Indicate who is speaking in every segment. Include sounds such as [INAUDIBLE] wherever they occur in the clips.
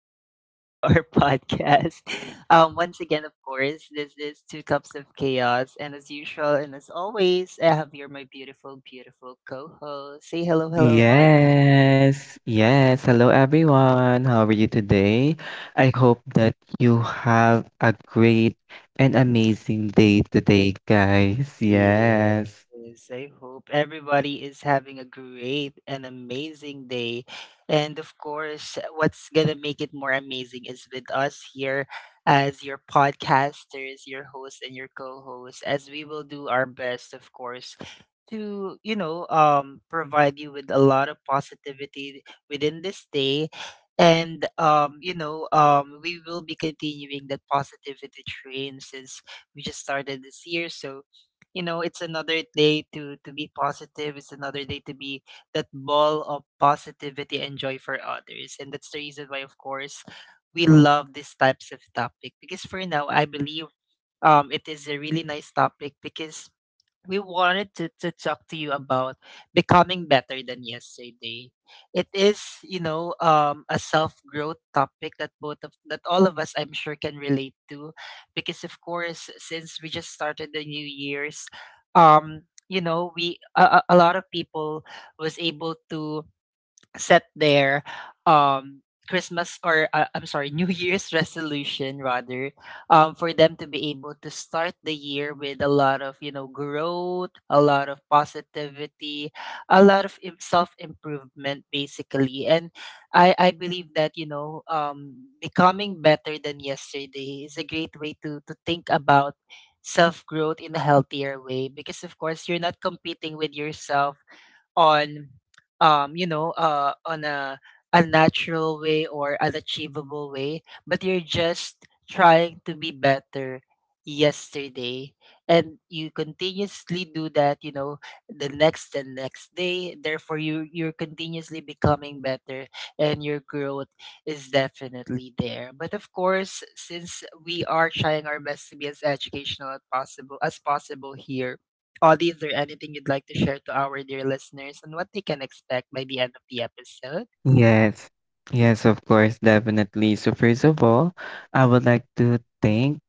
Speaker 1: [LAUGHS] Welcome back to our podcast. Once again, of course, this is Two Cups of Chaos. And as always, I have here my beautiful, beautiful co host. Say hello,
Speaker 2: Yes, yes. Hello, everyone. How are you today? I hope that you have a great and amazing day today, guys.
Speaker 1: Yeah,
Speaker 2: Yes,
Speaker 1: Yes, I hope everybody is having a great and amazing day. And of course, what's going to make it more amazing is with us here as your podcasters, your hosts, and your co hosts, as we will do our best, of course. To you know, provide you with a lot of positivity within this day, and we will be continuing that positivity train since we just started this year. So you know it's another day to be positive, it's another day to be that ball of positivity and joy for others, and that's the reason why, of course, we love these types of topic because for now I believe it is a really nice topic because we wanted to talk to you about becoming better than yesterday. It is, you know, a self growth topic that both of that all of us, I'm sure, can relate to, because of course, since we just started the new year's, um, you know, we a lot of people was able to set their Christmas or I'm sorry, [LAUGHS] New Year's resolution rather, for them to be able to start the year with a lot of, you know, growth, a lot of positivity, a lot of self improvement basically, and I believe that, you know, becoming better than yesterday is a great way to think about self growth in a healthier way because of course you're not competing with yourself on you know on a natural way or an achievable way, but you're just trying to be better yesterday, and you continuously do that, you know, the next and next day, therefore you're continuously becoming better and your growth is definitely there. But of course, since we are trying our best to be as educational as possible here, Audie, is there anything you'd like to share to our dear listeners and what they can expect by the end of the episode?
Speaker 2: yes, yes, of course, definitely. So, first of all, I would like to thank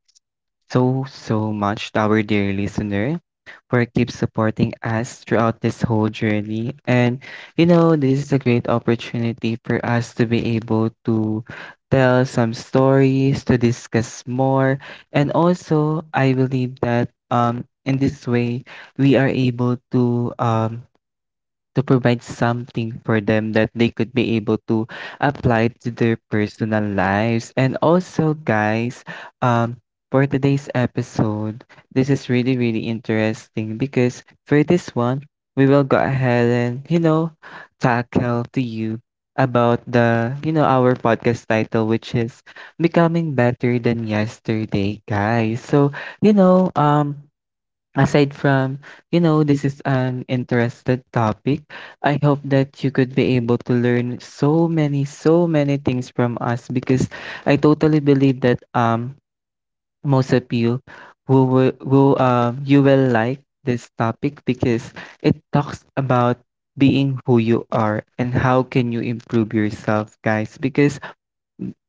Speaker 2: so, so much to our dear listener for keep supporting us throughout this whole journey. And you know, this is a great opportunity for us to be able to tell some stories, to discuss more, and also I believe that in this way we are able to provide something for them that they could be able to apply to their personal lives. And also, guys, um, for today's episode, this is really, really interesting because for this one, we will go ahead and, you know, tackle to you about the, you know, our podcast title, which is Becoming Better Than Yesterday, guys. So, you know, aside from, you know, this is an interested topic, I hope that you could be able to learn so many, so many things from us because I totally believe that most of you who you will like this topic because it talks about being who you are and how can you improve yourself, guys. Because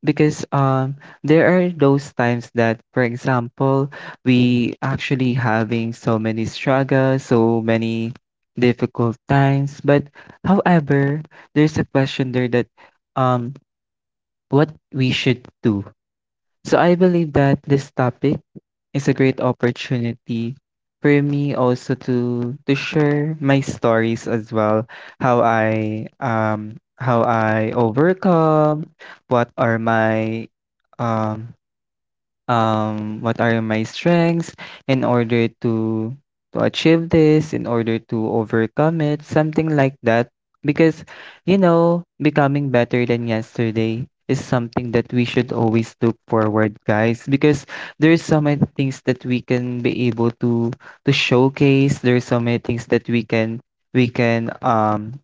Speaker 2: because um, there are those times that, for example, we actually having so many struggles, so many difficult times. But however, there's a question there that um, what we should do. So I believe that this topic is a great opportunity for me also to share my stories as well, how I overcome, what are my um what are my strengths in order to achieve this, in order to overcome it, something like that. Because, you know, becoming better than yesterday is something that we should always look forward, guys. Because there's so many things that we can be able to showcase. There's so many things that we can we can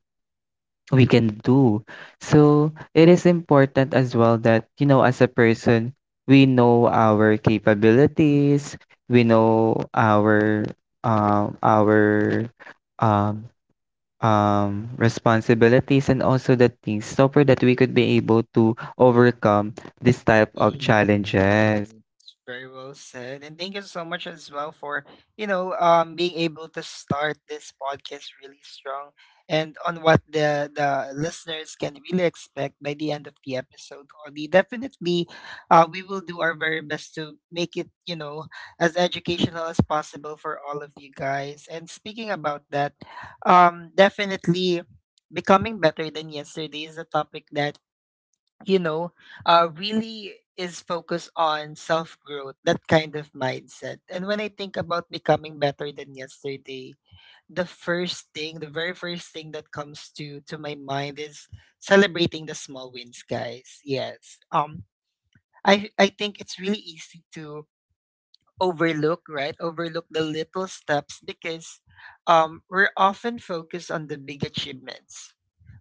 Speaker 2: we can do. So it is important as well that, you know, as a person, we know our capabilities, we know our um our um responsibilities and also the things so for that we could be able to overcome this type of challenges.
Speaker 1: Yes, very well said. And thank you so much as well for, you know, being able to start this podcast really strong and on what the listeners can really expect by the end of the episode, Audie. Definitely we will do our very best to make it, you know, as educational as possible for all of you guys. And speaking about that, definitely becoming better than yesterday is a topic that, you know, really is focused on self growth, that kind of mindset. And when I think about becoming better than yesterday, the first thing, the very first thing that comes to my mind is celebrating the small wins, guys. Yes. I think it's really easy to overlook, right? Overlook the little steps because we're often focused on the big achievements,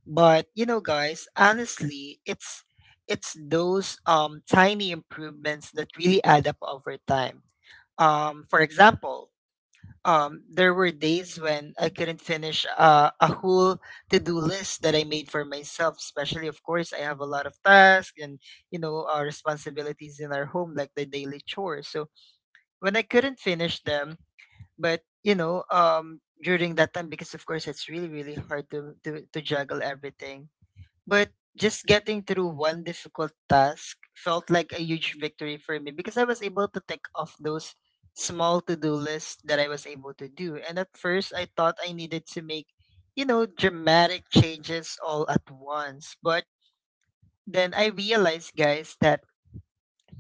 Speaker 1: but you know, guys, honestly, it's those tiny improvements that really add up over time. For example, there were days when I couldn't finish a whole to-do list that I made for myself. Especially, of course, I have a lot of tasks and you know responsibilities in our home, like the daily chores. So when I couldn't finish them, but you know, during that time, because of course it's really really hard to juggle everything, but just getting through one difficult task felt like a huge victory for me because I was able to tick off those small to-do lists that I was able to do. And at first, I thought I needed to make, you know, dramatic changes all at once. But then I realized, guys, that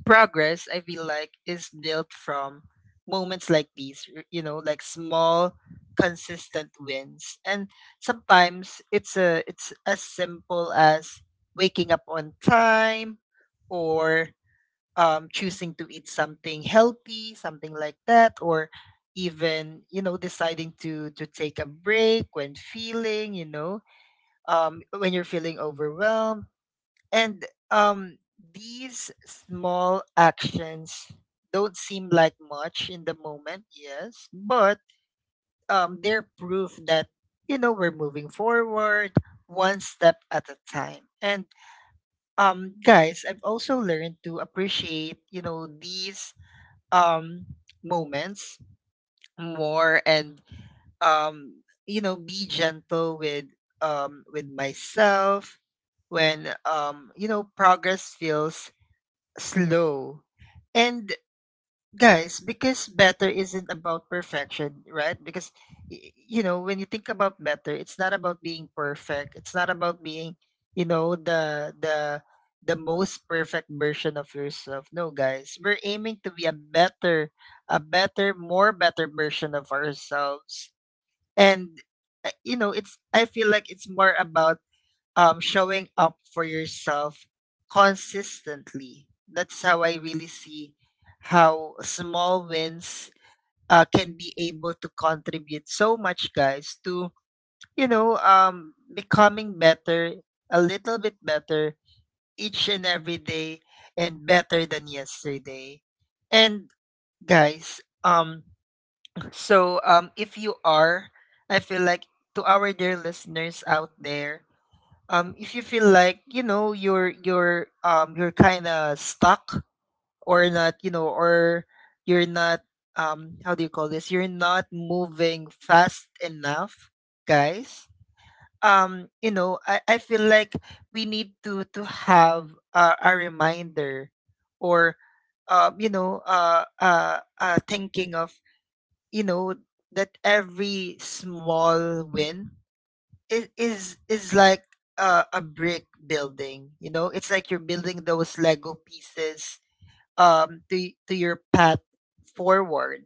Speaker 1: progress, I feel like, is built from moments like these. You know, like small consistent wins. And sometimes it's as simple as waking up on time, or choosing to eat something healthy, something like that, or even, you know, deciding to take a break when feeling, you know, when you're feeling overwhelmed. And um, these small actions don't seem like much in the moment, yes, but they're proof that, you know, we're moving forward one step at a time. And guys, I've also learned to appreciate, you know, these um, moments more and, you know, be gentle with myself when you know, progress feels slow. And guys, because better isn't about perfection, right? Because you know, when you think about better, it's not about being perfect. It's not about being, you know, the most perfect version of yourself. No, guys, we're aiming to be a better, more better version of ourselves. And you know, it's, I feel like it's more about showing up for yourself consistently. That's how I really see how small wins can be able to contribute so much, guys, to, you know, becoming better, a little bit better each and every day and better than yesterday. And guys, if you are, I feel like, to our dear listeners out there, if you feel like, you know, you're kind of stuck or not, you know, or you're not how do you call this, you're not moving fast enough, guys, you know, I feel like we need to have a reminder or you know, thinking of, you know, that every small win, it is like a brick building. You know, it's like you're building those Lego pieces to your path forward.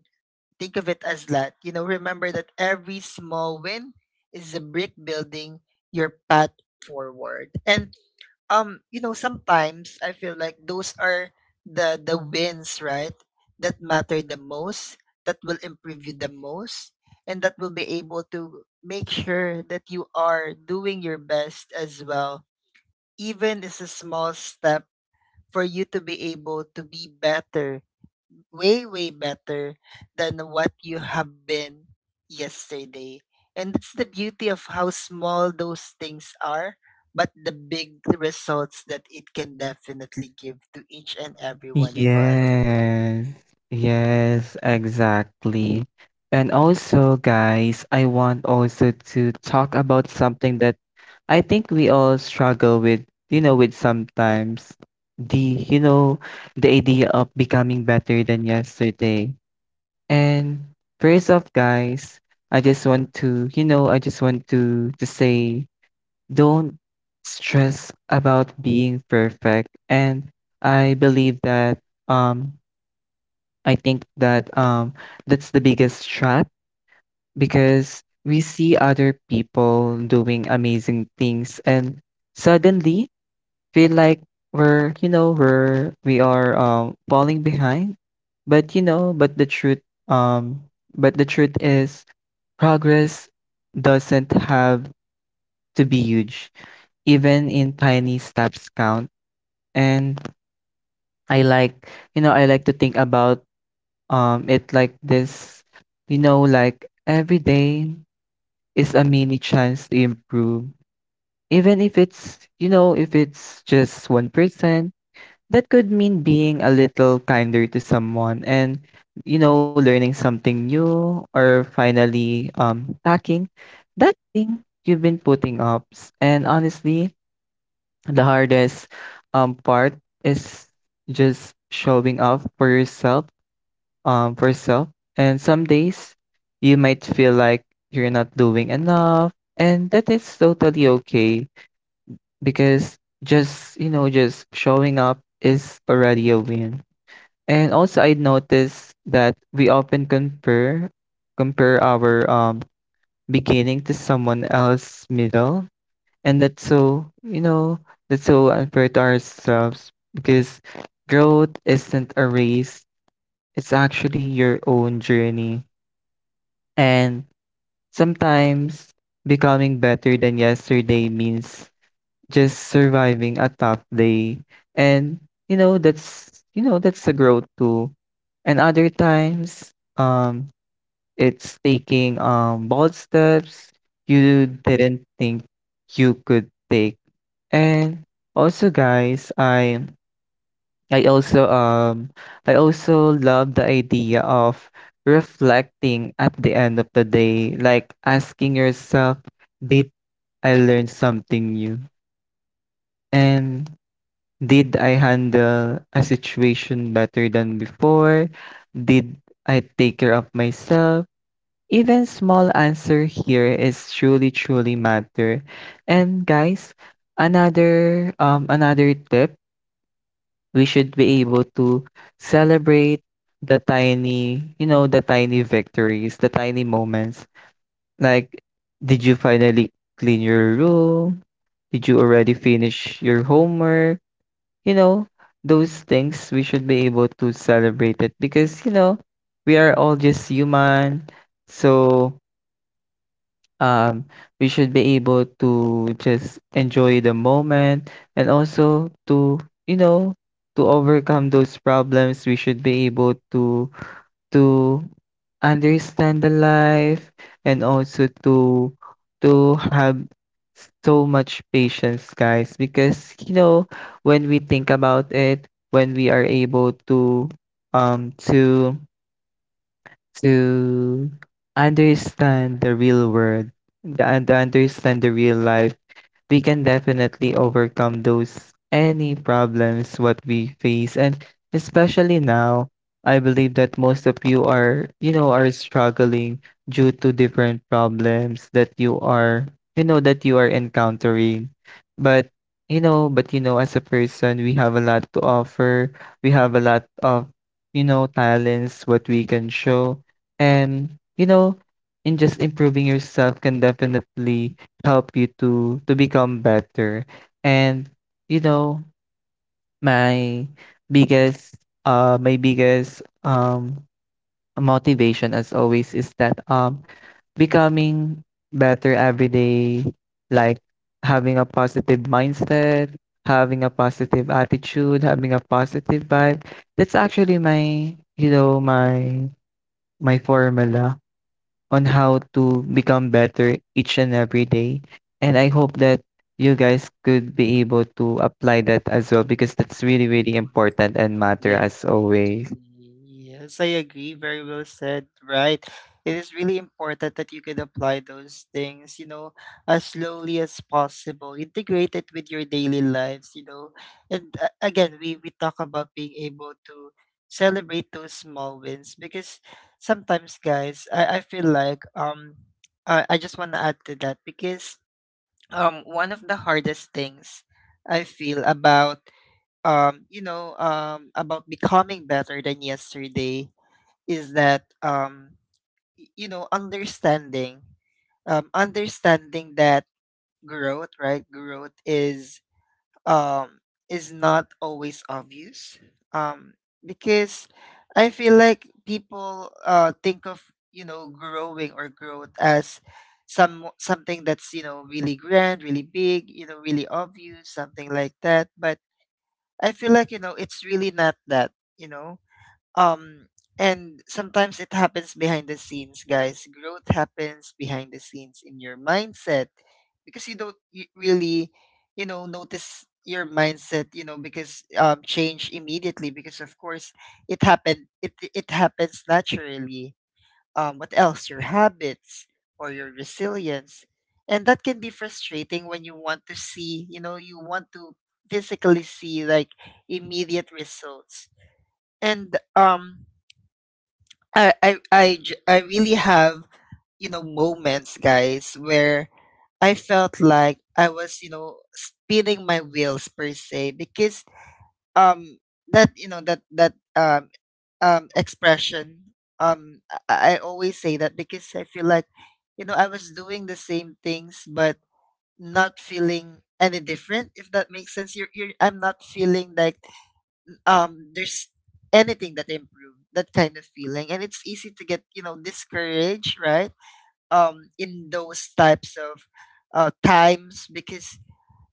Speaker 1: Think of it as that, you know. Remember that every small win is a brick building your path forward. And you know, sometimes I feel like those are the wins, right, that matter the most, that will improve you the most, and that will be able to make sure that you are doing your best as well, even it's a small step for you to be able to be better, way better than what you have been yesterday. And it's the beauty of how small those things are, but the big results that it can definitely give to each and every one of us.
Speaker 2: Yes. Yes, exactly. And also, guys, I want also to talk about something that I think we all struggle with, you know, with sometimes the, you know, the idea of becoming better than yesterday. And first off, guys, I just want to, you know, I just want to say don't stress about being perfect. And I believe that um I think that that's the biggest trap because we see other people doing amazing things and suddenly feel like we are falling behind, but you know, um but the truth is, progress doesn't have to be huge, even in tiny steps count. And I like, you know, I like to think about it like this, you know, like every day is a mini chance to improve, even if it's, you know, if it's just 1%. That could mean being a little kinder to someone and, you know, learning something new or finally tackling that thing you've been putting up. And honestly, the hardest part is just showing up for yourself, for yourself. And some days you might feel like you're not doing enough. And that is totally okay because just, you know, just showing up is already a win. And also I noticed that we often compare our beginning to someone else's middle, and that's so, you know, that's so unfair to ourselves because growth isn't a race, it's actually your own journey. And sometimes becoming better than yesterday means just surviving a tough day, and you know, that's, you know, that's a growth too. And other times it's taking bold steps you didn't think you could take. And also, guys, I also I also love the idea of reflecting at the end of the day, like asking yourself, did I learn something new? And did I handle a situation better than before? Did I take care of myself? Even small answer here is truly truly matter. And guys, another tip, we should be able to celebrate the tiny, you know, the tiny victories, the tiny moments. Like, did you finally clean your room? Did you already finish your homework? You know, those things we should be able to celebrate it because, you know, we are all just human. So, um, we should be able to just enjoy the moment, and also to, you know, to overcome those problems, we should be able to understand the life, and also to have so much patience, guys, because you know, when we think about it, when we are able to um to to understand the real world, the, and understand the real life, we can definitely overcome those any problems what we face. And especially now, I believe that most of you are, you know, are struggling due to different problems that you are, you know, that you are encountering. But you know, but you know, as a person, we have a lot to offer. We have a lot of, you know, talents what we can show. And you know, in just improving yourself can definitely help you to become better. And you know, my biggest uh my biggest um motivation as always is that becoming better every day, like having a positive mindset, having a positive attitude, having a positive vibe. That's actually my, you know, my formula on how to become better each and every day. And I hope that you guys could be able to apply that as well because that's really, really important and matter as always.
Speaker 1: Definitely. Yes, I agree. Very well said. Right. It is really important that you can apply those things, you know, as slowly as possible. Integrate it with your daily lives, you know. And again, we talk about being able to celebrate those small wins because sometimes, guys, I feel like I just want to add to that because one of the hardest things I feel about, you know, about becoming better than yesterday is that, you know, understanding that growth, right? Growth um, is not always obvious, um, because I feel like people think of, you know, growing or growth as something that's, you know, really grand, really big, you know, really obvious, something like that, but I feel like, you know, it's really not that, you know. Um and sometimes it happens behind the scenes, guys. Growth happens behind the scenes in your mindset because you don't really, you know, notice your mindset, you know, because change immediately, because of course it happened it it happens naturally, what else, your habits or your resilience. And that can be frustrating when you want to see, you know, you want to physically see like immediate results. And I really have, you know, moments, guys, where I felt like I was, you know, spinning my wheels, per se, because um that you know that that expression um I always say that because I feel like, you know, I was doing the same things but not feeling any different, if that makes sense. You're, you're i'm not feeling like there's anything that improved, that kind of feeling, and it's easy to get, you know, discouraged, right, in those types of times, because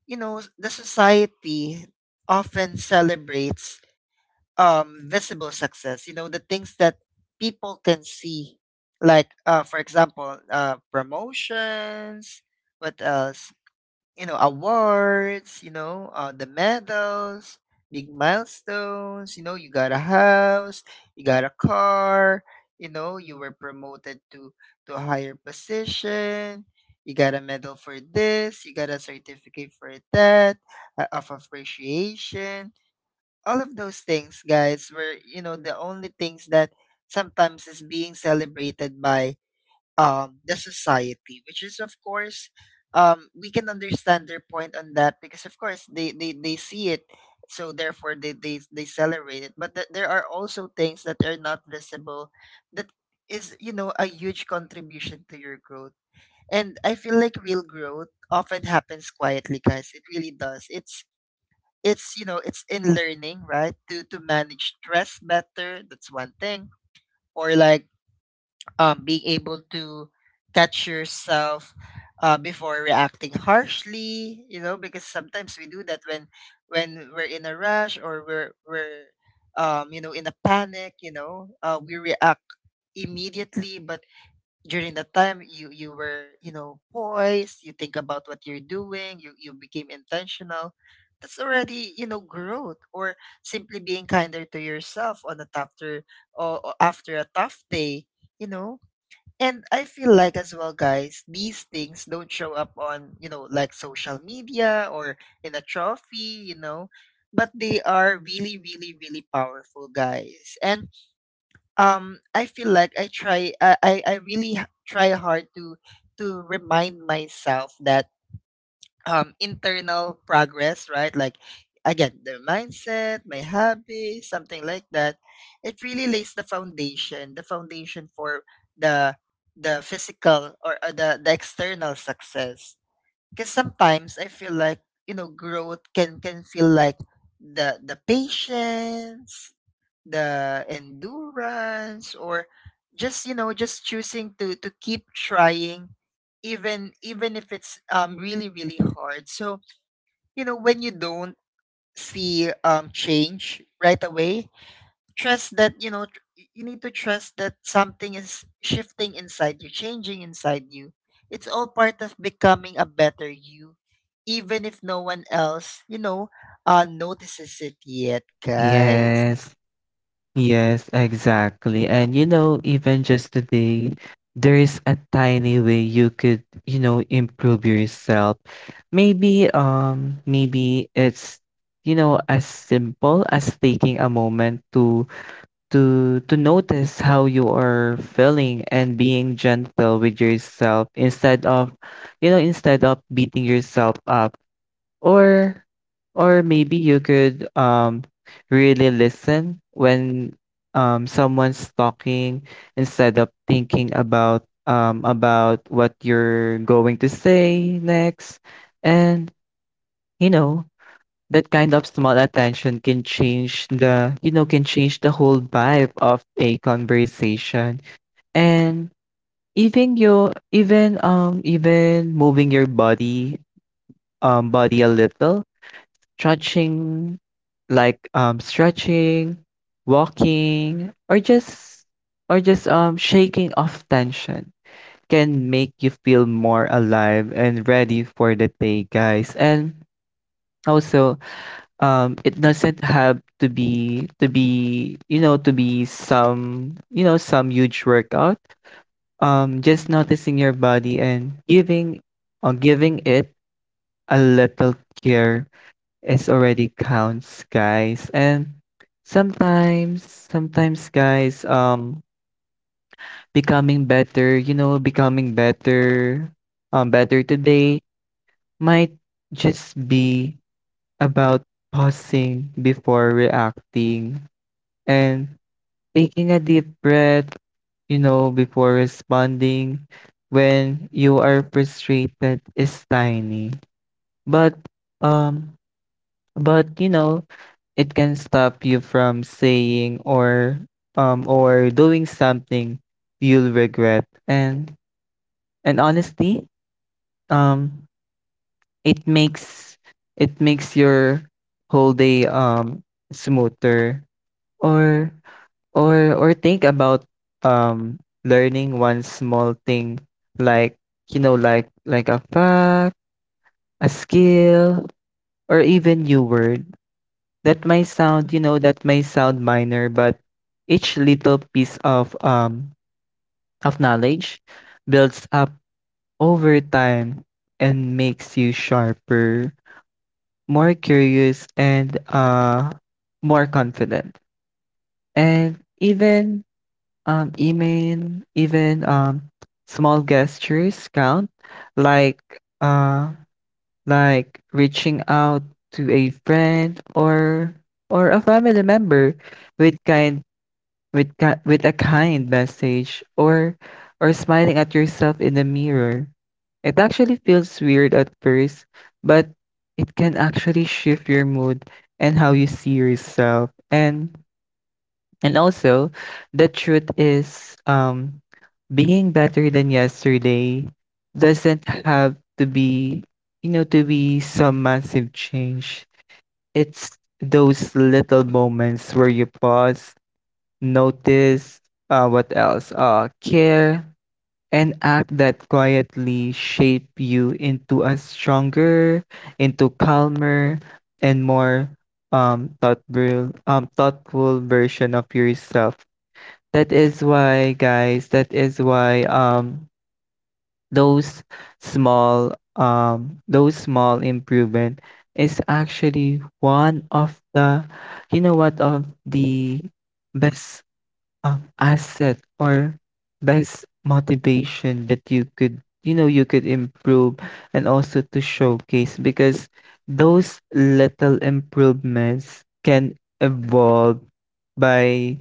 Speaker 1: you know the society often celebrates visible success, you know, the things that people can see, like, for example, promotions, what else? You know, awards, you know, the medals, big milestones, you know, you got a house, you got a car, you know, you were promoted to a higher position. You got a medal for this, you got a certificate for that, of appreciation all of those things, guys, were the only things that sometimes is being celebrated by the society, which is of course we can understand their point on that because of course they see it, so therefore they celebrate it, but there are also things that are not visible that is a huge contribution to your growth. And I feel like real growth often happens quietly, guys. It really does. It's it's in learning, right, to manage stress better. That's one thing. Or like, being able to catch yourself before reacting harshly, you know, because sometimes we do that when we're in a rush, or we're in a panic, you know, we react immediately. But during the time you were, you know, poised, you think about what you're doing, you became intentional. That's already, you know, growth. Or simply being kinder to yourself on a after or after a tough day, you know. And I feel like as well, guys, these things don't show up on, you know, like social media or in a trophy, you know. But they are really, really, really powerful, guys. And I feel like I really try hard to remind myself that internal progress, right, like again, the mindset, my hobby, something like that. It really lays the foundation, the foundation for the physical, or the external success. Because sometimes I feel like, you know, growth can feel like the patience, the endurance, or just, you know, just choosing to keep trying, even if it's really, really hard. So you know, when you don't see change right away, trust that you need to trust that something is shifting inside you, changing inside you. It's all part of becoming a better you, even if no one else, you know, notices it yet, guys.
Speaker 2: Yes, yes, exactly. And you know, even just today, there is a tiny way you could, you know, improve yourself. Maybe, maybe it's, you know, as simple as taking a moment to to notice how you are feeling and being gentle with yourself instead of, you know, instead of beating yourself up. or or maybe you could really listen when someone's talking instead of thinking about what you're going to say next. And you know, that kind of small attention can change the, you know, can change the whole vibe of a conversation. And even your, even even moving your body, body a little, stretching, like stretching, walking, or just, or just shaking off tension can make you feel more alive and ready for the day, guys. And also, it doesn't have to be to be, you know, to be some, you know, some huge workout. Just noticing your body and giving giving it a little care is already counts, guys. And sometimes, guys, becoming better, you know, becoming better, better today, might just be about pausing before reacting, and taking a deep breath, you know, before responding when you are frustrated is tiny. But um you know, it can stop you from saying or doing something you'll regret. And honestly, um it makes, it makes your whole day smoother. Or, or think about um learning one small thing, like, you know, like a fact, a skill, or even new word. That may sound, you know, that may sound minor, but each little piece of knowledge builds up over time and makes you sharper, more curious, and more confident. And even, even small gestures count, like uh like reaching out to a friend or a family member with with a kind message, or smiling at yourself in the mirror. It actually feels weird at first, but it can actually shift your mood and how you see yourself. And also, the truth is, being better than yesterday doesn't have to be, you know, to be some massive change. It's those little moments where you pause, notice, what else, care, and act that quietly shape you into a stronger, into calmer, and more thoughtful version of yourself. That is why, guys. That is why those small those small improvement is actually one of the you know what of the best asset or best motivation that you could you could improve and also to showcase because those little improvements can evolve by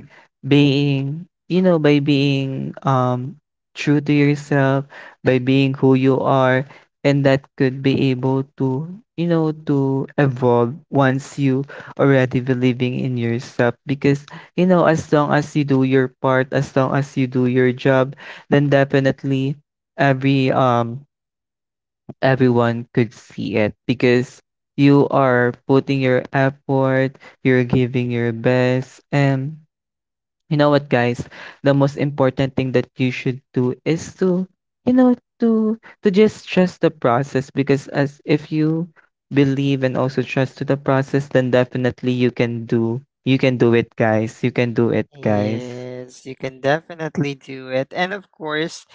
Speaker 2: being true to yourself, by being who you are, and that could be able to, you know, to evolve once you already believing in yourself. Because you know, as long as you do your part, as long as you do your job, then definitely every um everyone could see it because you are putting your effort, you're giving your best, and you know what, guys, the most important thing that you should do is to, you know, to just trust the process, because as if you believe and also trust to the process, then definitely you can do it, guys. You can do it, guys.
Speaker 1: Yes, you can definitely do it. And of course,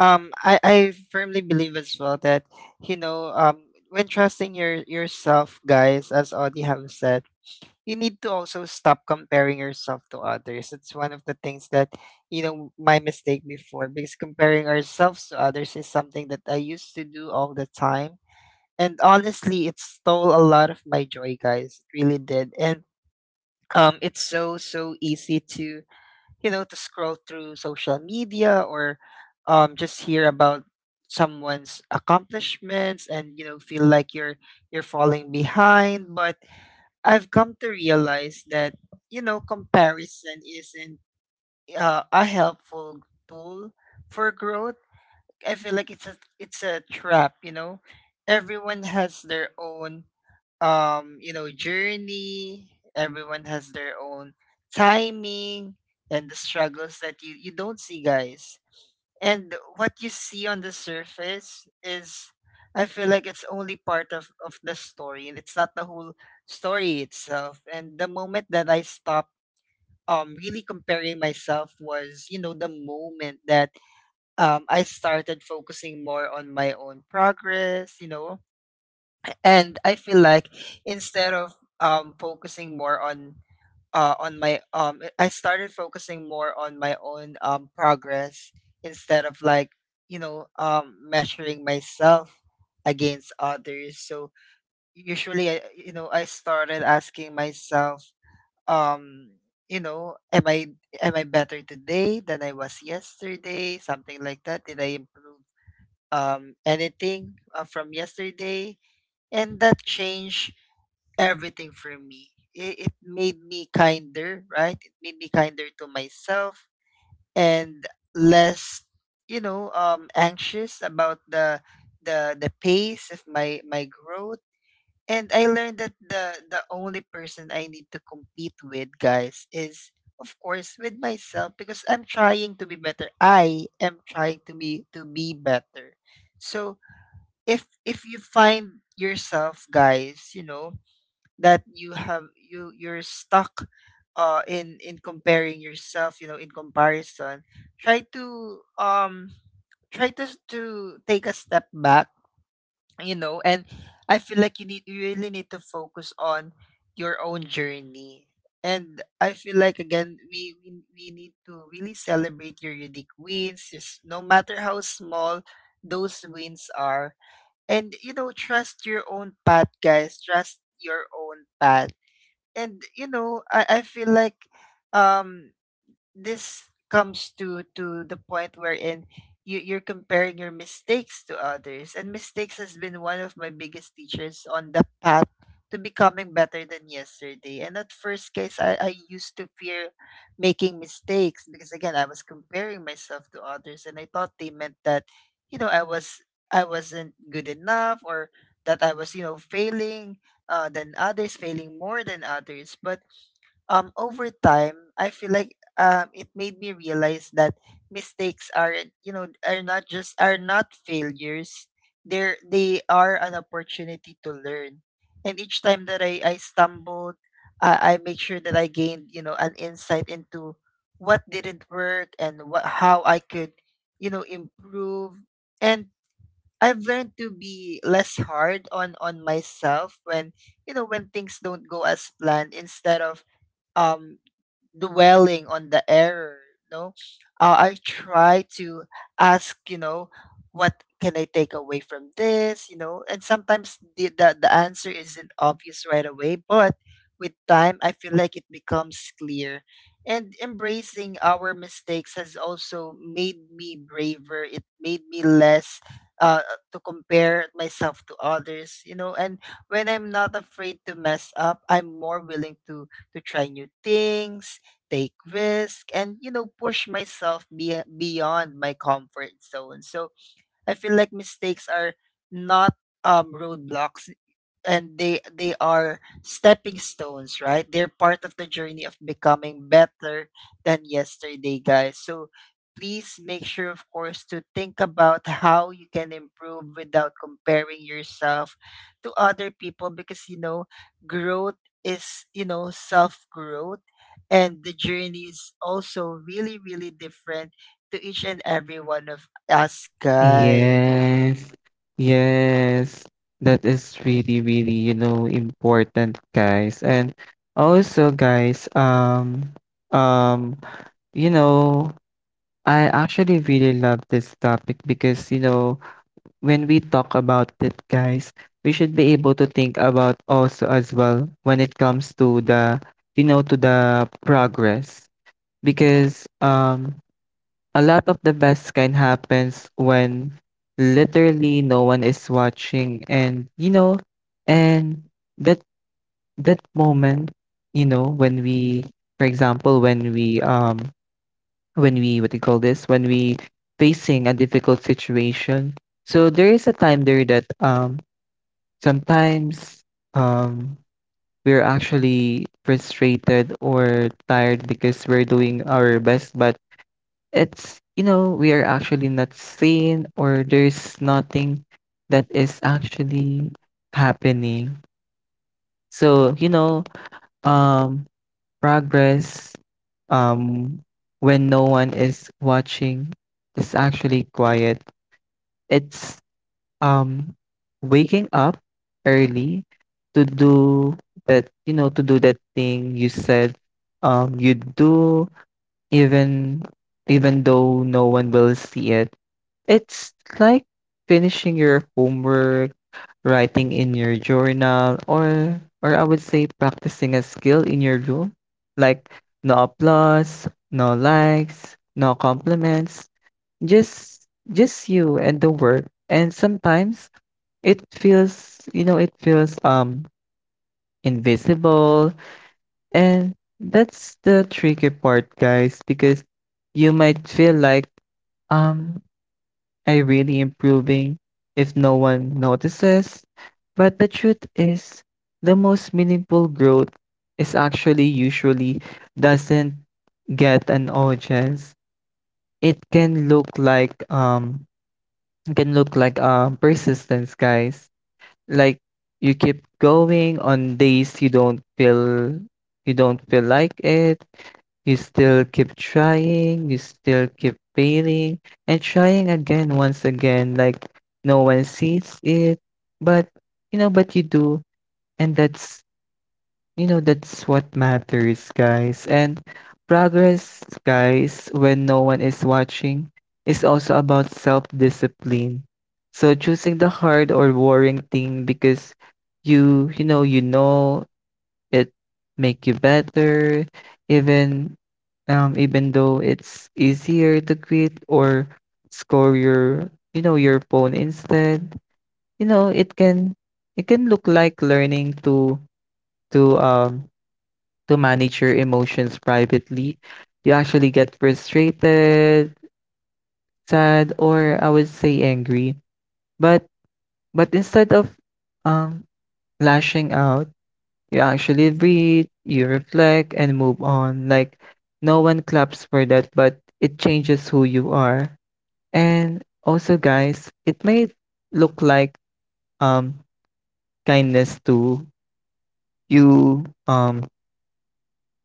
Speaker 1: I firmly believe as well that, you know, when trusting your yourself, guys, as Audie have said, you need to also stop comparing yourself to others. It's one of the things that, you know, my mistake before, because comparing ourselves to others is something that I used to do all the time. And honestly, it stole a lot of my joy, guys. It really did. And it's so, so easy to, you know, to scroll through social media or just hear about someone's accomplishments and, you know, feel like you're falling behind. But I've come to realize that, you know, comparison isn't a helpful tool for growth. I feel like it's a trap. You know, everyone has their own you know, journey. Everyone has their own timing and the struggles that you don't see, guys. And what you see on the surface is, I feel like it's only part of the story, and it's not the whole story itself. And the moment that I stopped really comparing myself was, you know, the moment that I started focusing more on my own progress, you know. And I feel like instead of focusing more on my I started focusing more on my own progress instead of like, you know, measuring myself against others. So usually you know, I started asking myself, um you know, am I better today than I was yesterday, something like that? Did I improve anything from yesterday? And that change everything for me. It made me kinder, right? It made me kinder to myself and less, you know, anxious about the the pace of my growth. And I learned that the only person I need to compete with, guys, is of course with myself, because I'm trying to be better. I am trying to be better. So if you find yourself, guys, you know, that you have you're stuck in comparing yourself, you know, in comparison, try to try to take a step back, you know. And I feel like you need, you really need to focus on your own journey. And I feel like again we need to really celebrate your unique wins, just no matter how small those wins are. And you know, trust your own path, guys, trust your own path. And you know, I feel like um this comes to the point wherein you're comparing your mistakes to others. And mistakes has been one of my biggest teachers on the path to becoming better than yesterday. And at first case, I used to fear making mistakes, because again, I was comparing myself to others, and I thought they meant that, you know, I was, I wasn't good enough, or that I was, you know, failing than others, failing more than others. But over time, I feel like it made me realize that mistakes aren't, you know, are not failures. They are an opportunity to learn. And each time that I stumbled, I make sure that I gained, you know, an insight into what didn't work and what how I could, you know, improve. And I've learned to be less hard on myself when, you know, when things don't go as planned, instead of um dwelling on the error. No, I try to ask, you know, what can I take away from this, you know? And sometimes the answer isn't obvious right away, but with time I feel like it becomes clear. And embracing our mistakes has also made me braver. It made me less uh, to compare myself to others, you know. And when I'm not afraid to mess up, I'm more willing to try new things, take risk, and you know, push myself beyond my comfort zone. So I feel like mistakes are not roadblocks, and they are stepping stones, right? They're part of the journey of becoming better than yesterday, guys. So please make sure of course to think about how you can improve without comparing yourself to other people, because you know, growth is, you know, self growth, and the journey is also really, really different to each and every one of us, guys.
Speaker 2: Yes, yes, that is really, really, you know, important, guys. And also, guys, um, you know, I actually really love this topic because, you know, when we talk about it, guys, we should be able to think about also as well when it comes to the, you know, to the progress because, a lot of the best kind happens when literally no one is watching, and you know, and that that moment, you know, when we, for example, when we, what do you call this, when we facing a difficult situation. So there is a time there that, um, sometimes, um, we're actually frustrated or tired because we're doing our best, but it's, you know, we are actually not seen, or there's nothing that is actually happening. So, you know, um progress, um when no one is watching, is actually quiet. It's, um waking up early to do that, you know, to do that thing you said you do, even even though no one will see it. It's like finishing your homework, writing in your journal, or I would say practicing a skill in your room. Like no applause, no likes, no compliments, just just you and the work. And sometimes it feels, you know, it feels invisible. And that's the tricky part, guys, because you might feel like um I really improving if no one notices. But the truth is, the most meaningful growth is actually usually doesn't get an audience. It can look like persistence, guys. Like you keep going on days you don't feel like it, you still keep trying, you still keep failing, and trying again once again. Like no one sees it, but you know, but you do, and that's, you know, that's what matters, guys. And progress, guys, when no one is watching, is also about self-discipline. So choosing the hard or worrying thing because you know it make you better, even, even though it's easier to quit or score your, you know, your phone instead. You know, it can, it can look like learning to to um to manage your emotions privately. You actually get frustrated, sad, or I would say angry. But but instead of um lashing out, you actually breathe, you reflect, and move on. Like no one claps for that, but it changes who you are. And also, guys, it may look like um kindness to you.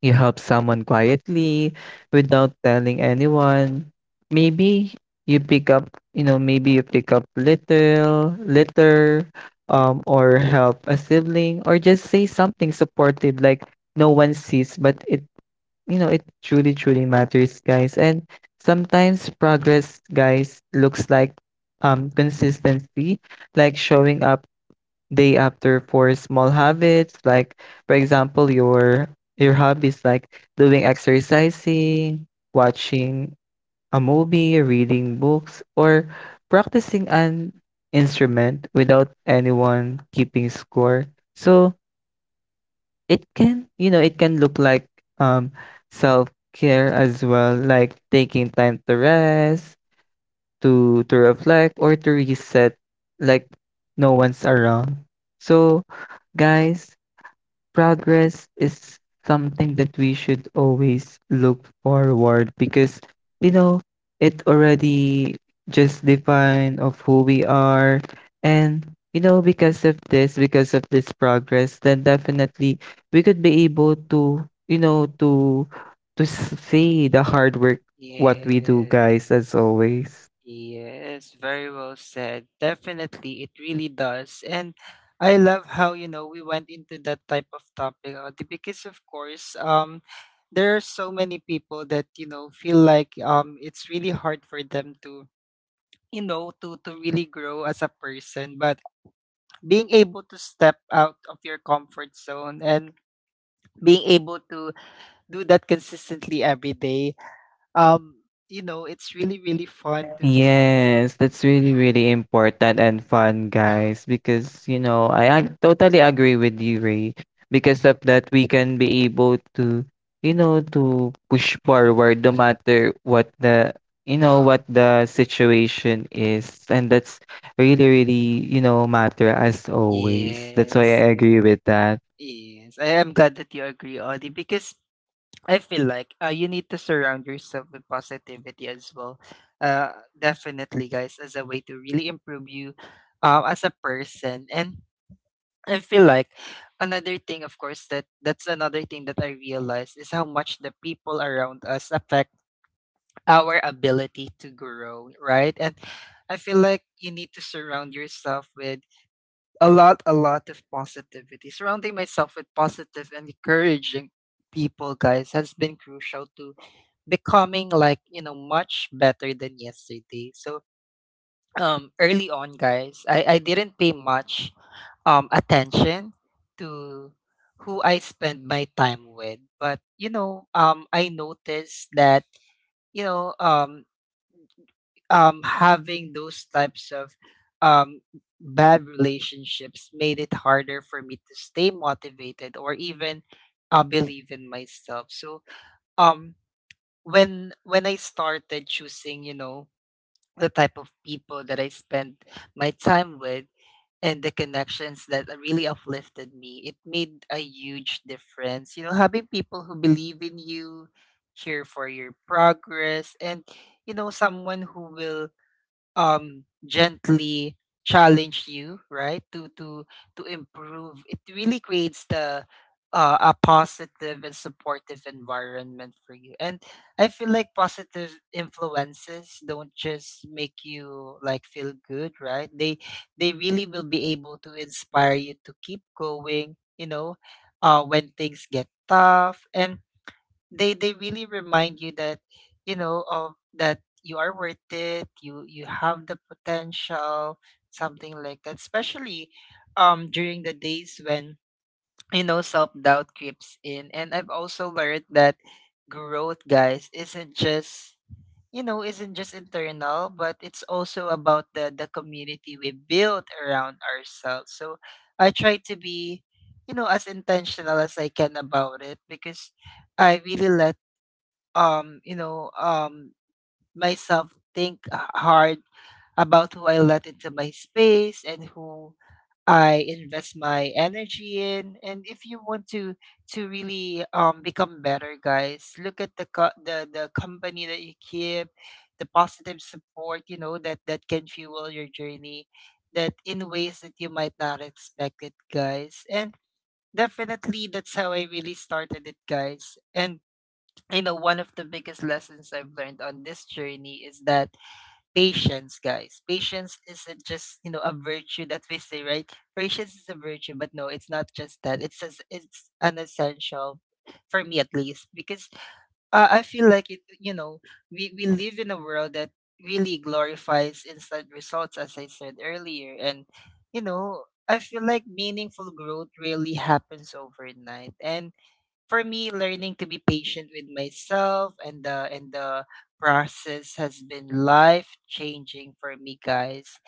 Speaker 2: You help someone quietly without telling anyone. Maybe you pick up, you know, maybe you pick up little, litter, or help a sibling, or just say something supportive. Like no one sees, but it, you know, it truly, truly matters, guys. And sometimes progress, guys, looks like consistency, like showing up day after for small habits. Like for example, your hobbies, like doing exercising, watching a movie, reading books, or practicing an instrument without anyone keeping score. So it can, you know, it can look like um self-care as well, like taking time to rest, to reflect, or to reset, like no one's around. So guys, progress is something that we should always look forward, because you know, it already just define of who we are. And you know, because of this, progress, then definitely we could be able to, you know, to see the hard work what we do, guys, as
Speaker 1: Yes,
Speaker 2: always.
Speaker 1: yes, very well said. Definitely, it really does. And I love how, you know, we went into that type of topic, because of course, there are so many people that, you know, feel like it's really hard for them to, you know, to really grow as a person. But being able to step out of your comfort zone and being able to do that consistently every day, um, you know, it's really, really fun to, to.
Speaker 2: Yes, that's really, really important and fun, guys, because, you know, I totally agree with you, Ray. Because of that, we can be able to, you know, to push forward no matter what the, you know, what the situation is. And that's really, really, you know, matter as always. That's why
Speaker 1: Yes,
Speaker 2: I agree with that.
Speaker 1: yes. I am glad that you agree, Audie, because I feel like you need to surround yourself with positivity as well. Uh, definitely, guys, as a way to really improve you as a person. And I feel like another thing, of course, that that's another thing that I realized is how much the people around us affect our ability to grow, right? And I feel like you need to surround yourself with a lot of positivity. Surrounding myself with positive and encouraging people, guys, has been crucial to becoming like, you know, much better than yesterday. So, early on, guys, I didn't pay much attention to who I spend my time with. But, you know, I noticed that, you know, having those types of um, bad relationships made it harder for me to stay motivated or even believe in myself. So um, when I started choosing, you know, the type of people that I spend my time with and the connections that really uplifted me, it made a huge difference. You know, having people who believe in you, here for your progress, and you know, someone who will gently challenge you, right, to improve. It really creates the a positive and supportive environment for you. And I feel like positive influences don't just make you like feel good, right? They really will be able to inspire you to keep going, you know, when things get tough. And they really remind you that, you know, of that you are worth it, you have the potential, something like that, especially during the days when, you know, self-doubt creeps in. And I've also learned that growth, guys, isn't just, you know, isn't just internal, but it's also about the community we build around ourselves. So I try to be, you know, as intentional as I can about it, because I really let um you know um myself think hard about who I let into my space and who I invest my energy in. And if you want to really become better, guys, look at the co- the company that you keep, the positive support that can fuel your journey, that in ways that you might not expect it, guys. And definitely that's how I really started it, guys. And one of the biggest lessons I've learned on this journey is that patience, guys, patience isn't just, a virtue that we say, right? Patience is a virtue, but no, it's not just that. It's as it's an essential for me, at least, because I feel like it. We live in a world that really glorifies instant results, as I said earlier. And you know I feel like meaningful growth really happens overnight. And for me, learning to be patient with myself and the process has been life changing for me, guys.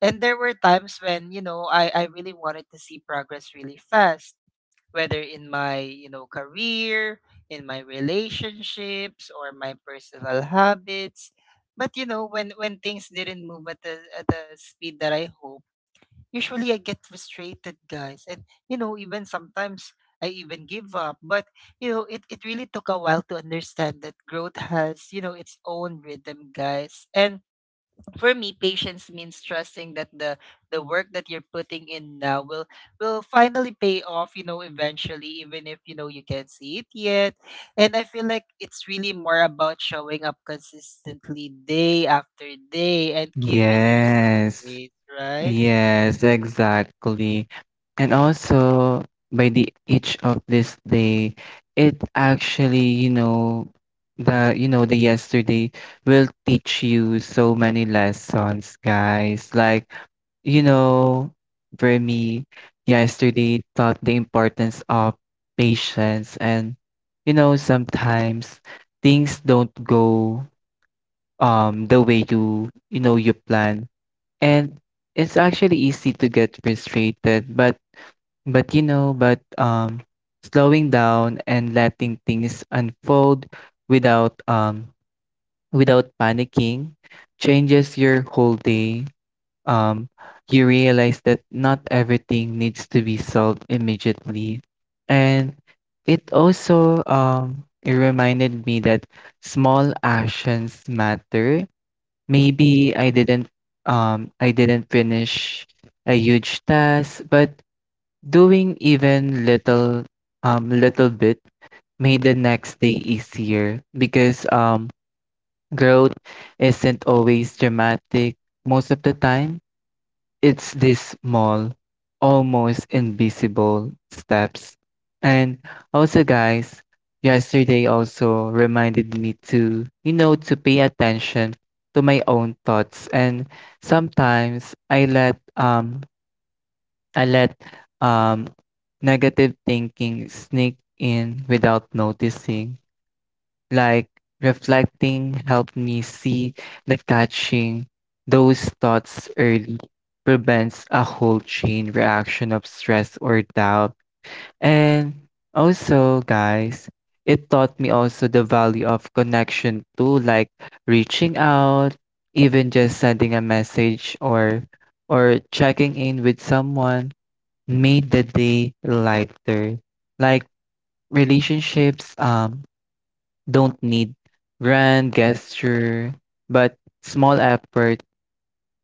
Speaker 1: And there were times when, I really wanted to see progress really fast, whether in my, career, in my relationships, or my personal habits. But when things didn't move at the speed that I hoped. Usually I get frustrated, guys. And, even sometimes I even give up. But, it really took a while to understand that growth has, its own rhythm, guys. And for me, patience means trusting that the work that you're putting in now will finally pay off, eventually, even if you can't see it yet. And I feel like it's really more about showing up consistently day after day and giving yourself
Speaker 2: Yes.
Speaker 1: grace, right?
Speaker 2: Yes, exactly. And also by the each of this day, it actually, you know, the yesterday will teach you so many lessons, guys. Like, you know, for me, yesterday taught the importance of patience. And you know, sometimes things don't go the way you you know you plan, and it's actually easy to get frustrated. But you know, but slowing down and letting things unfold without um without panicking changes your whole day. Um, you realize that not everything needs to be solved immediately. And it also, it reminded me that small actions matter. Maybe I didn't, finish a huge task, but doing even little, little bit made the next day easier, because growth isn't always dramatic most of the time. It's these small, almost invisible steps. And also, guys, yesterday also reminded me to, you know, to pay attention to my own thoughts. And sometimes I let um negative thinking sneak in without noticing. Like reflecting helped me see that catching those thoughts early prevents a whole chain reaction of stress or doubt. And also, guys, it taught me also the value of connection too, like reaching out, even just sending a message, or checking in with someone made the day lighter. Like relationships don't need grand gesture, but small effort,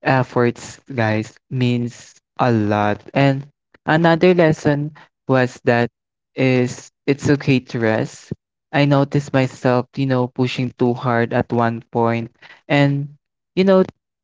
Speaker 2: efforts, guys, means a lot. And another lesson was that is it's okay to rest. I noticed myself, you know, pushing too hard at one point, and you know,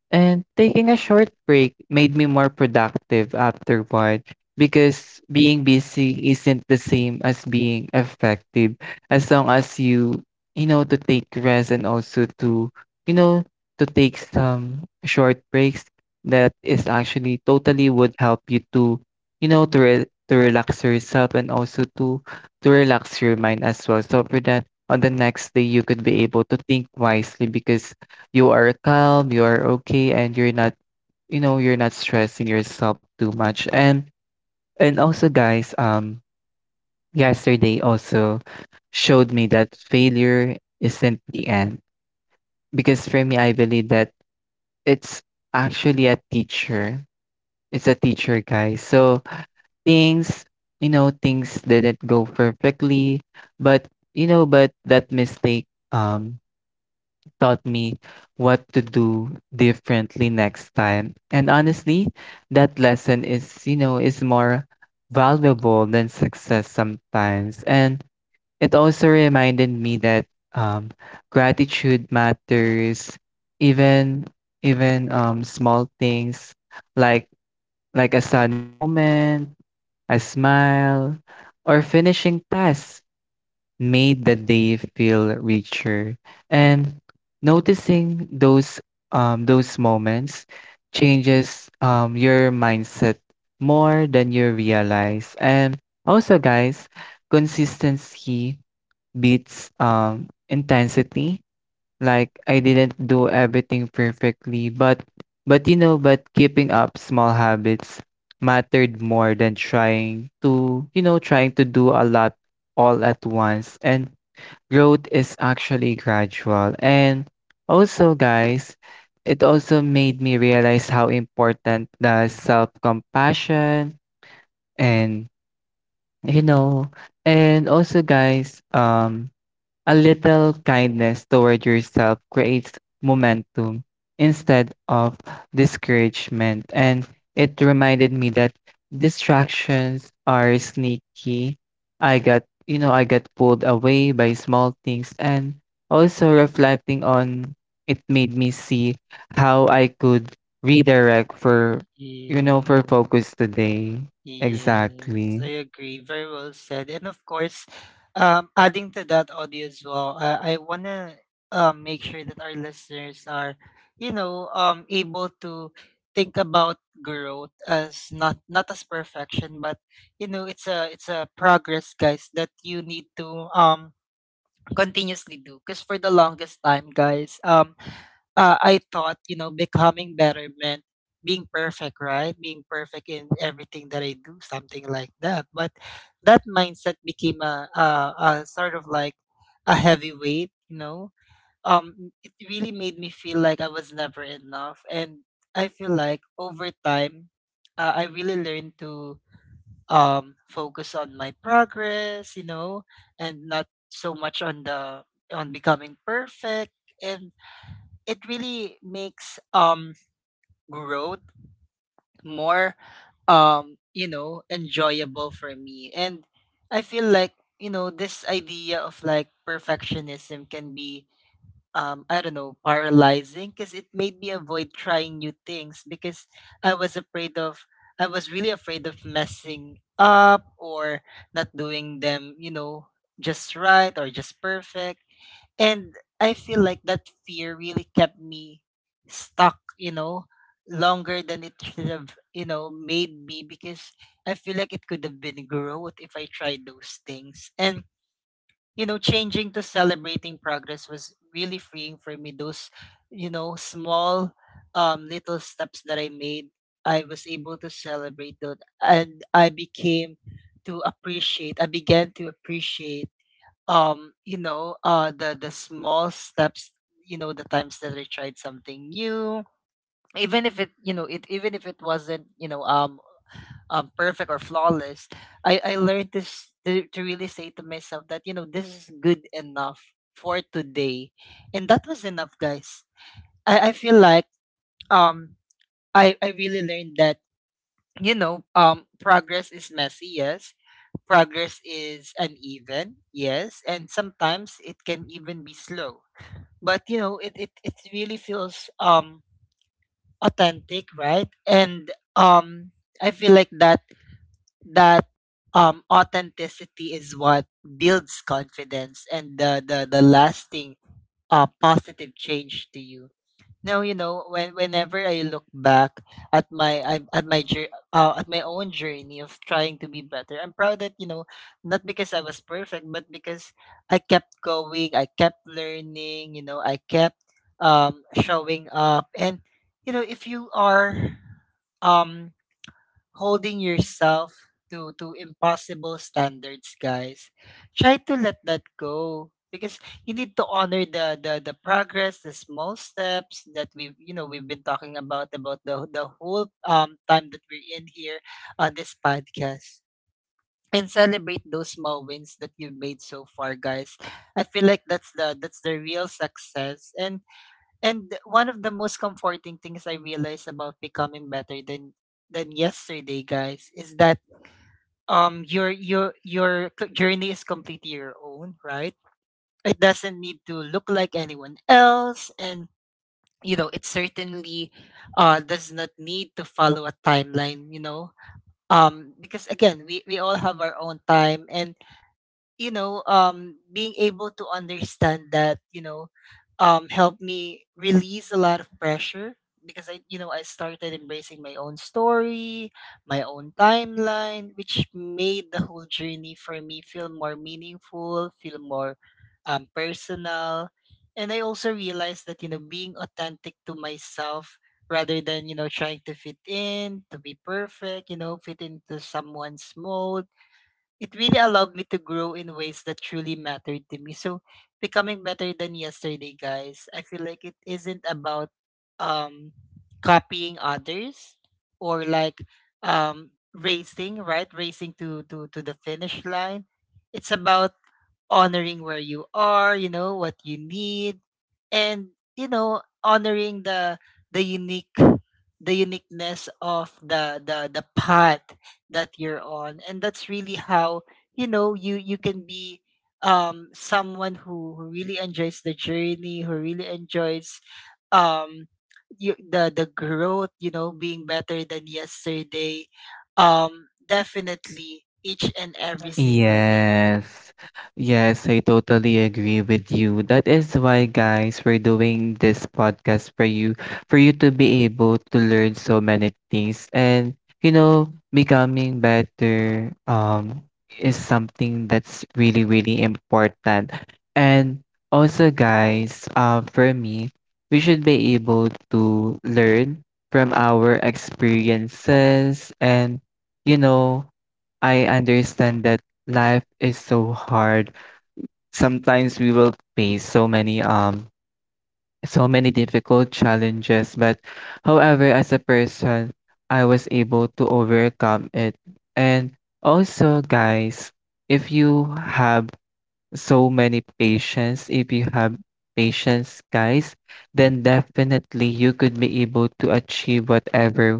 Speaker 2: and taking a short break made me more productive afterward, because being busy isn't the same as being effective. As long as you, you know, to take rest and also to, you know, to take some short breaks, that is actually totally would help you to, you know, to relax yourself, and also to relax your mind as well. So for that, on the next day you could be able to think wisely, because you are calm, you are okay, and you're not, you know, you're not stressing yourself too much. And also guys, yesterday also showed me that failure isn't the end, because for me I believe that it's actually a teacher. It's a teacher, guys. So things, you know, things didn't go perfectly, but you know, but that mistake um taught me what to do differently next time. And honestly, that lesson is, you know, is more valuable than success sometimes. And it also reminded me that, um, gratitude matters, even, even, small things, like like a sunny moment, a smile, or finishing tasks made the day feel richer. And noticing those, those moments changes, your mindset more than you realize. And also, guys, consistency beats intensity. Like I didn't do everything perfectly, but you know, but keeping up small habits mattered more than trying to, you know, trying to do a lot all at once. And growth is actually gradual. And also, guys, it also made me realize how important the self-compassion. And you know, and also guys, um, a little kindness toward yourself creates momentum instead of discouragement. And it reminded me that distractions are sneaky. I got, you know, I got pulled away by small things. And also reflecting on it made me see how I could redirect for, you know, for
Speaker 1: Yes,
Speaker 2: focus today.
Speaker 1: yes,
Speaker 2: Exactly.
Speaker 1: I agree. Very well said. And of course, adding to that audio as well, I wanna make sure that our listeners are, able to think about growth as not as perfection, but, it's a progress, guys, that you need to continuously do. Because for the longest time, guys, I thought, becoming better meant being perfect, right? Being perfect in everything that I do, something like that. But that mindset became a sort of like a heavy weight, you know. It really made me feel like I was never enough. And I feel like over time, I really learned to focus on my progress, and not so much on the on becoming perfect. And it really makes growth more enjoyable for me. And I feel like, this idea of like perfectionism can be, I don't know, paralyzing, because it made me avoid trying new things, because i was afraid of I was really afraid of messing up or not doing them, just right or just perfect. And I feel like that fear really kept me stuck, longer than it should have, made me, because I feel like it could have been growth if I tried those things. And, changing to celebrating progress was really freeing for me. Those, small little steps that I made, I was able to celebrate those. And I became to appreciate, I began to appreciate the small steps, the times that I tried something new, even if it you know it even if it wasn't, perfect or flawless. I learned this to really say to myself that, this is good enough for today. And that was enough, guys. I feel like, um I really learned that, progress is messy, yes. Progress is uneven, yes. And sometimes it can even be slow. But it really feels authentic, right? And um I feel like that authenticity is what builds confidence and the lasting positive change to you. No, You know, when whenever I look back at my at my own journey of trying to be better, I'm proud that, not because I was perfect, but because I kept going, I kept learning, I kept showing up. And, if you are um holding yourself to impossible standards, guys, try to let that go, because you need to honor the progress, the small steps that we've, we've been talking about the whole time that we're in here on this podcast. And celebrate those small wins that you've made so far, guys. I feel like that's the real success. And one of the most comforting things I realized about becoming better than yesterday, guys, is that journey is completely your own, right? It doesn't need to look like anyone else, and it certainly does not need to follow a timeline, because again we all have our own time. And, being able to understand that, helped me release a lot of pressure, because I, I started embracing my own story, my own timeline, which made the whole journey for me feel more meaningful, feel more personal. And I also realized that, being authentic to myself rather than, trying to fit in, to be perfect, fit into someone's mold, it really allowed me to grow in ways that truly mattered to me. So becoming better than yesterday, guys, I feel like it isn't about um copying others or like racing, right? Racing to to the finish line. It's about honoring where you are, what you need. And, honoring the the unique uniqueness of the path that you're on. And that's really how, you can be someone who really enjoys the journey, who really enjoys um the growth, being better than yesterday. Definitely each and every single day.
Speaker 2: Yes. Yes, I totally agree with you. That is why, guys, we're doing this podcast for you to be able to learn so many things. And, you know, becoming better is something that's really, really important. And also, guys, for me, we should be able to learn from our experiences. And, you know, I understand that life is so hard. Sometimes we will face so many so many difficult challenges, but however, as a person, I was able to overcome it. And also guys, if you have so many patience, if you have patience, guys, then definitely you could be able to achieve whatever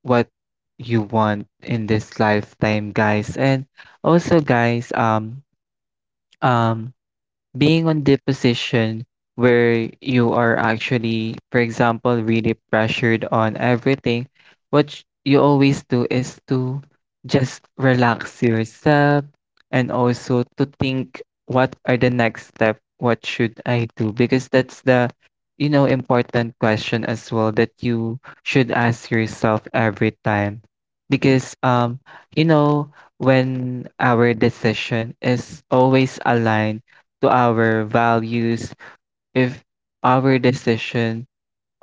Speaker 2: what you want in this lifetime, guys. And also guys, um being on the position where you are actually, for example, really pressured on everything, you always do is to just relax yourself, and also to think, what are the next step? What should I do? Because that's the, you know, important question as well that you should ask yourself every time. Because, you know, when our decision is always aligned to our values, if our decisions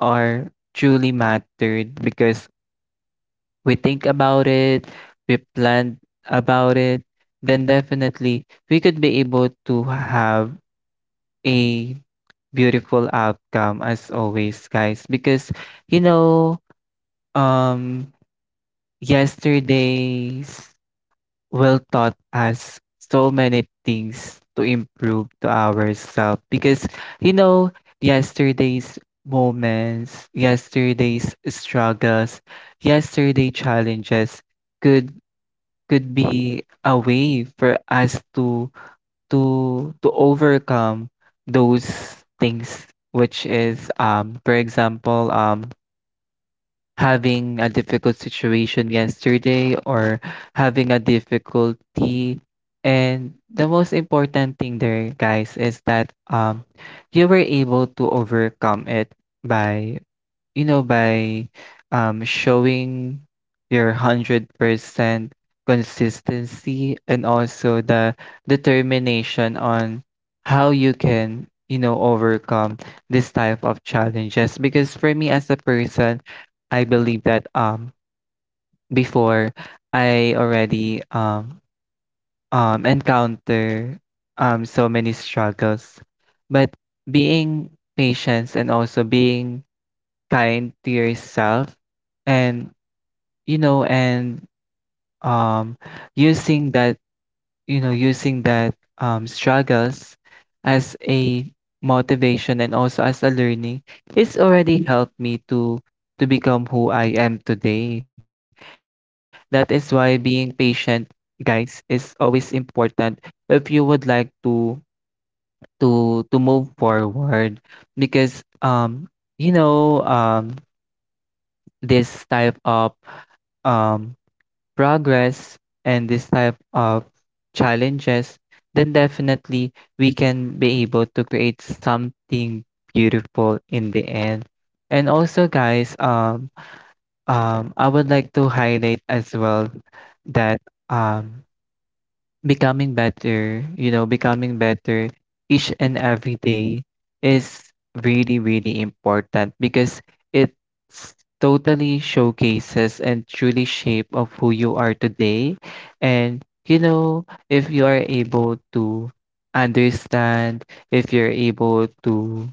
Speaker 2: are truly mattered, because we think about it, we plan about it, then definitely we could be able to have a beautiful outcome as always, guys. Because, you know, um, yesterday's well taught us so many things to improve to ourselves, because you know, yesterday's moments, yesterday's struggles, yesterday challenges could could be a way for us to to overcome those things, which is, um, for example, um, having a difficult situation yesterday, or having a difficulty. And the most important thing there, guys, is that, you were able to overcome it by, you know, by, showing your 100% consistency and also the determination on how you can, you know, overcome this type of challenges. Because for me as a person, I believe that, before I already, encounter, so many struggles. But being patient and also being kind to yourself, and you know, and, um, using that, you know, using that, um, struggles as a motivation and also as a learning, it's already helped me to become who I am today. That is why being patient, guys, is always important if you would like to to move forward. Because, um, you know, um, this type of, um, progress and this type of challenges, then definitely we can be able to create something beautiful in the end. And also, guys, I would like to highlight as well that, um, becoming better, you know, becoming better each and every day is really, really important, because it totally showcases and truly shape of who you are today. And you know, if you are able to understand, if you're able to,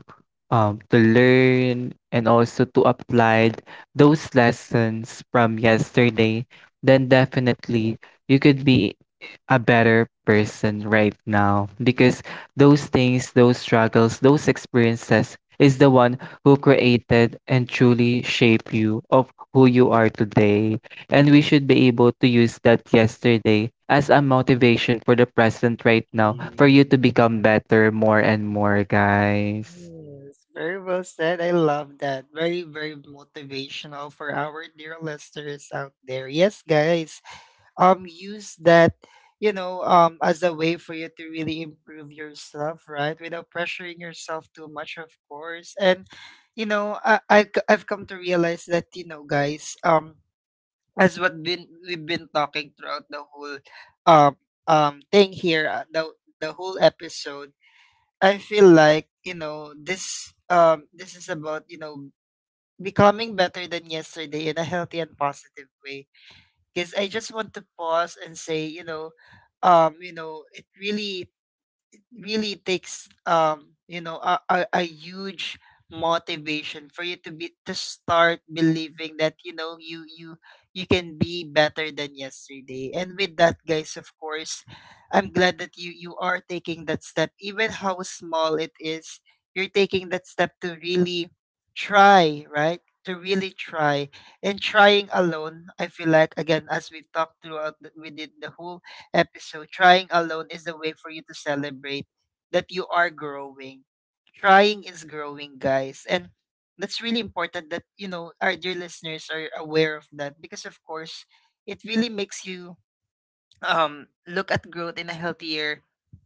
Speaker 2: to learn and also to apply those lessons from yesterday, then definitely you could be a better person right now, because those things, those struggles, those experiences is the one who created and truly shape you of who you are today. And we should be able to use that yesterday as a motivation for the present right now for you to become
Speaker 1: Yes.
Speaker 2: better more and more, guys.
Speaker 1: Yes, very well said. I love that. Very, very motivational for our dear listeners out there. Yes, guys, use that, as a way for you to really improve yourself, right? Without pressuring yourself too much, of course. And, I've come to realize that, guys, as what been we've been talking throughout the whole, um, thing here, the whole episode, I feel like, this this is about, becoming better than yesterday in a healthy and positive way. Because I just want to pause and say, it really takes a huge motivation for you to be to start believing that, you can be better than yesterday. And with that, guys, of course, I'm glad that you are taking that step, even how small it is. You're taking that step to really try, right? To really try. And trying alone, I feel like, again, as we talked throughout the, within the whole episode, trying alone is a way for you to celebrate that you are growing. Trying is growing, guys. And that's really important that, our dear listeners are aware of that, because, of course, it really makes you look at growth in a healthier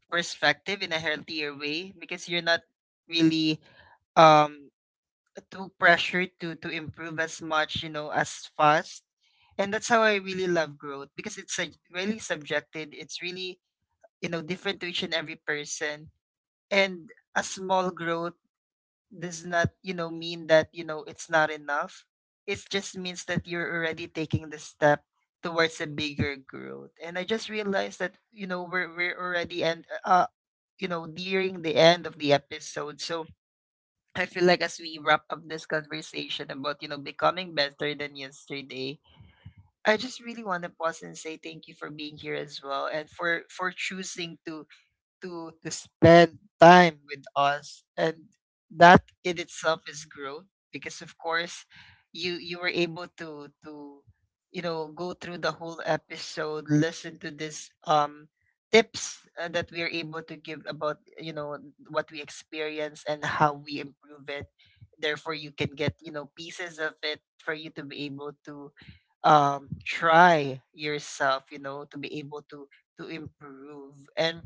Speaker 1: perspective, in a healthier way, because you're not really um too pressured to improve as much, as fast. And that's how I really love growth, because it's really subjective. It's really, different to each and every person. And a small growth does not, mean that, it's not enough. It just means that you're already taking the step towards a bigger growth. And I just realized that, we're already, and, nearing the end of the episode. So I feel like, as we wrap up this conversation about, becoming better than yesterday, I just really want to pause and say thank you for being here as well, and for choosing to to spend time with us. And that in itself is growth, because of course you were able to go through the whole episode, listen to this tips, that we are able to give about, what we experience and how we improve it. Therefore you can get, pieces of it for you to be able to try yourself, to be able to improve. And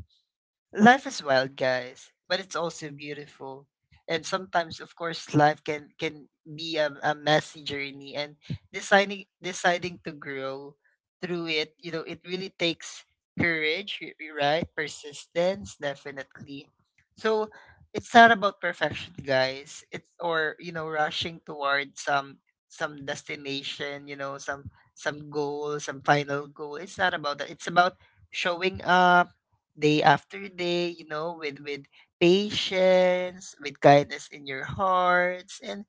Speaker 1: life is wild, guys, but it's also beautiful. And sometimes, of course, life can be a messy journey. And deciding to grow through it, it really takes courage, right? Persistence, definitely. So it's not about perfection, guys. It's or, rushing toward some destination, some goal, some final goal. It's not about that. It's about showing up day after day, with patience, with kindness in your hearts, and,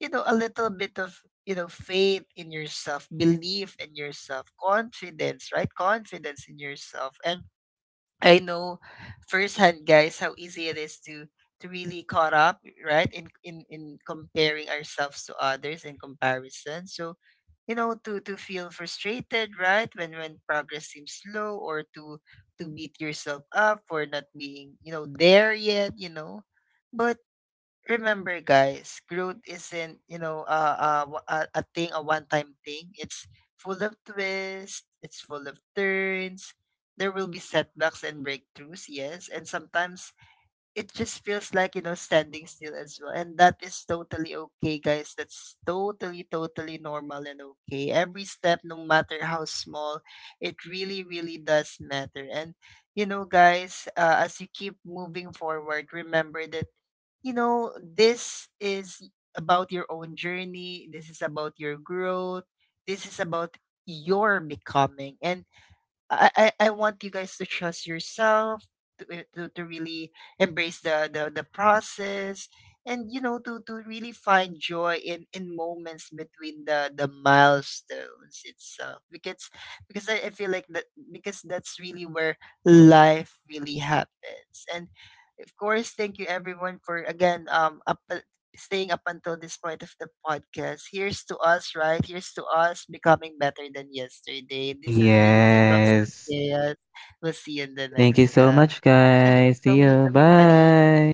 Speaker 1: a little bit of, faith in yourself, belief in yourself, confidence, right? Confidence in yourself. And I know firsthand, guys, how easy it is to really caught up, right? In in comparing ourselves to others, in comparison. So, to feel frustrated, right? When progress seems slow, or to beat yourself up for not being, there yet, you know. But remember, guys, growth isn't, a, thing, a one-time thing. It's full of twists, it's full of turns. There will be setbacks and breakthroughs, yes, and sometimes it just feels like, standing still as well. And that is totally okay, guys. That's totally totally normal and okay. Every step, no matter how small, it really really does matter. And, guys, as you keep moving forward, remember that, this is about your own journey. This is about your growth. This is about your becoming. And I want you guys to trust yourself, to really embrace the process, and, to really find joy in moments between the milestones itself, because I feel like that because that's really where life really happens. And of course, thank you everyone for
Speaker 2: Yes. Thank you so much, guys. See you. Bye.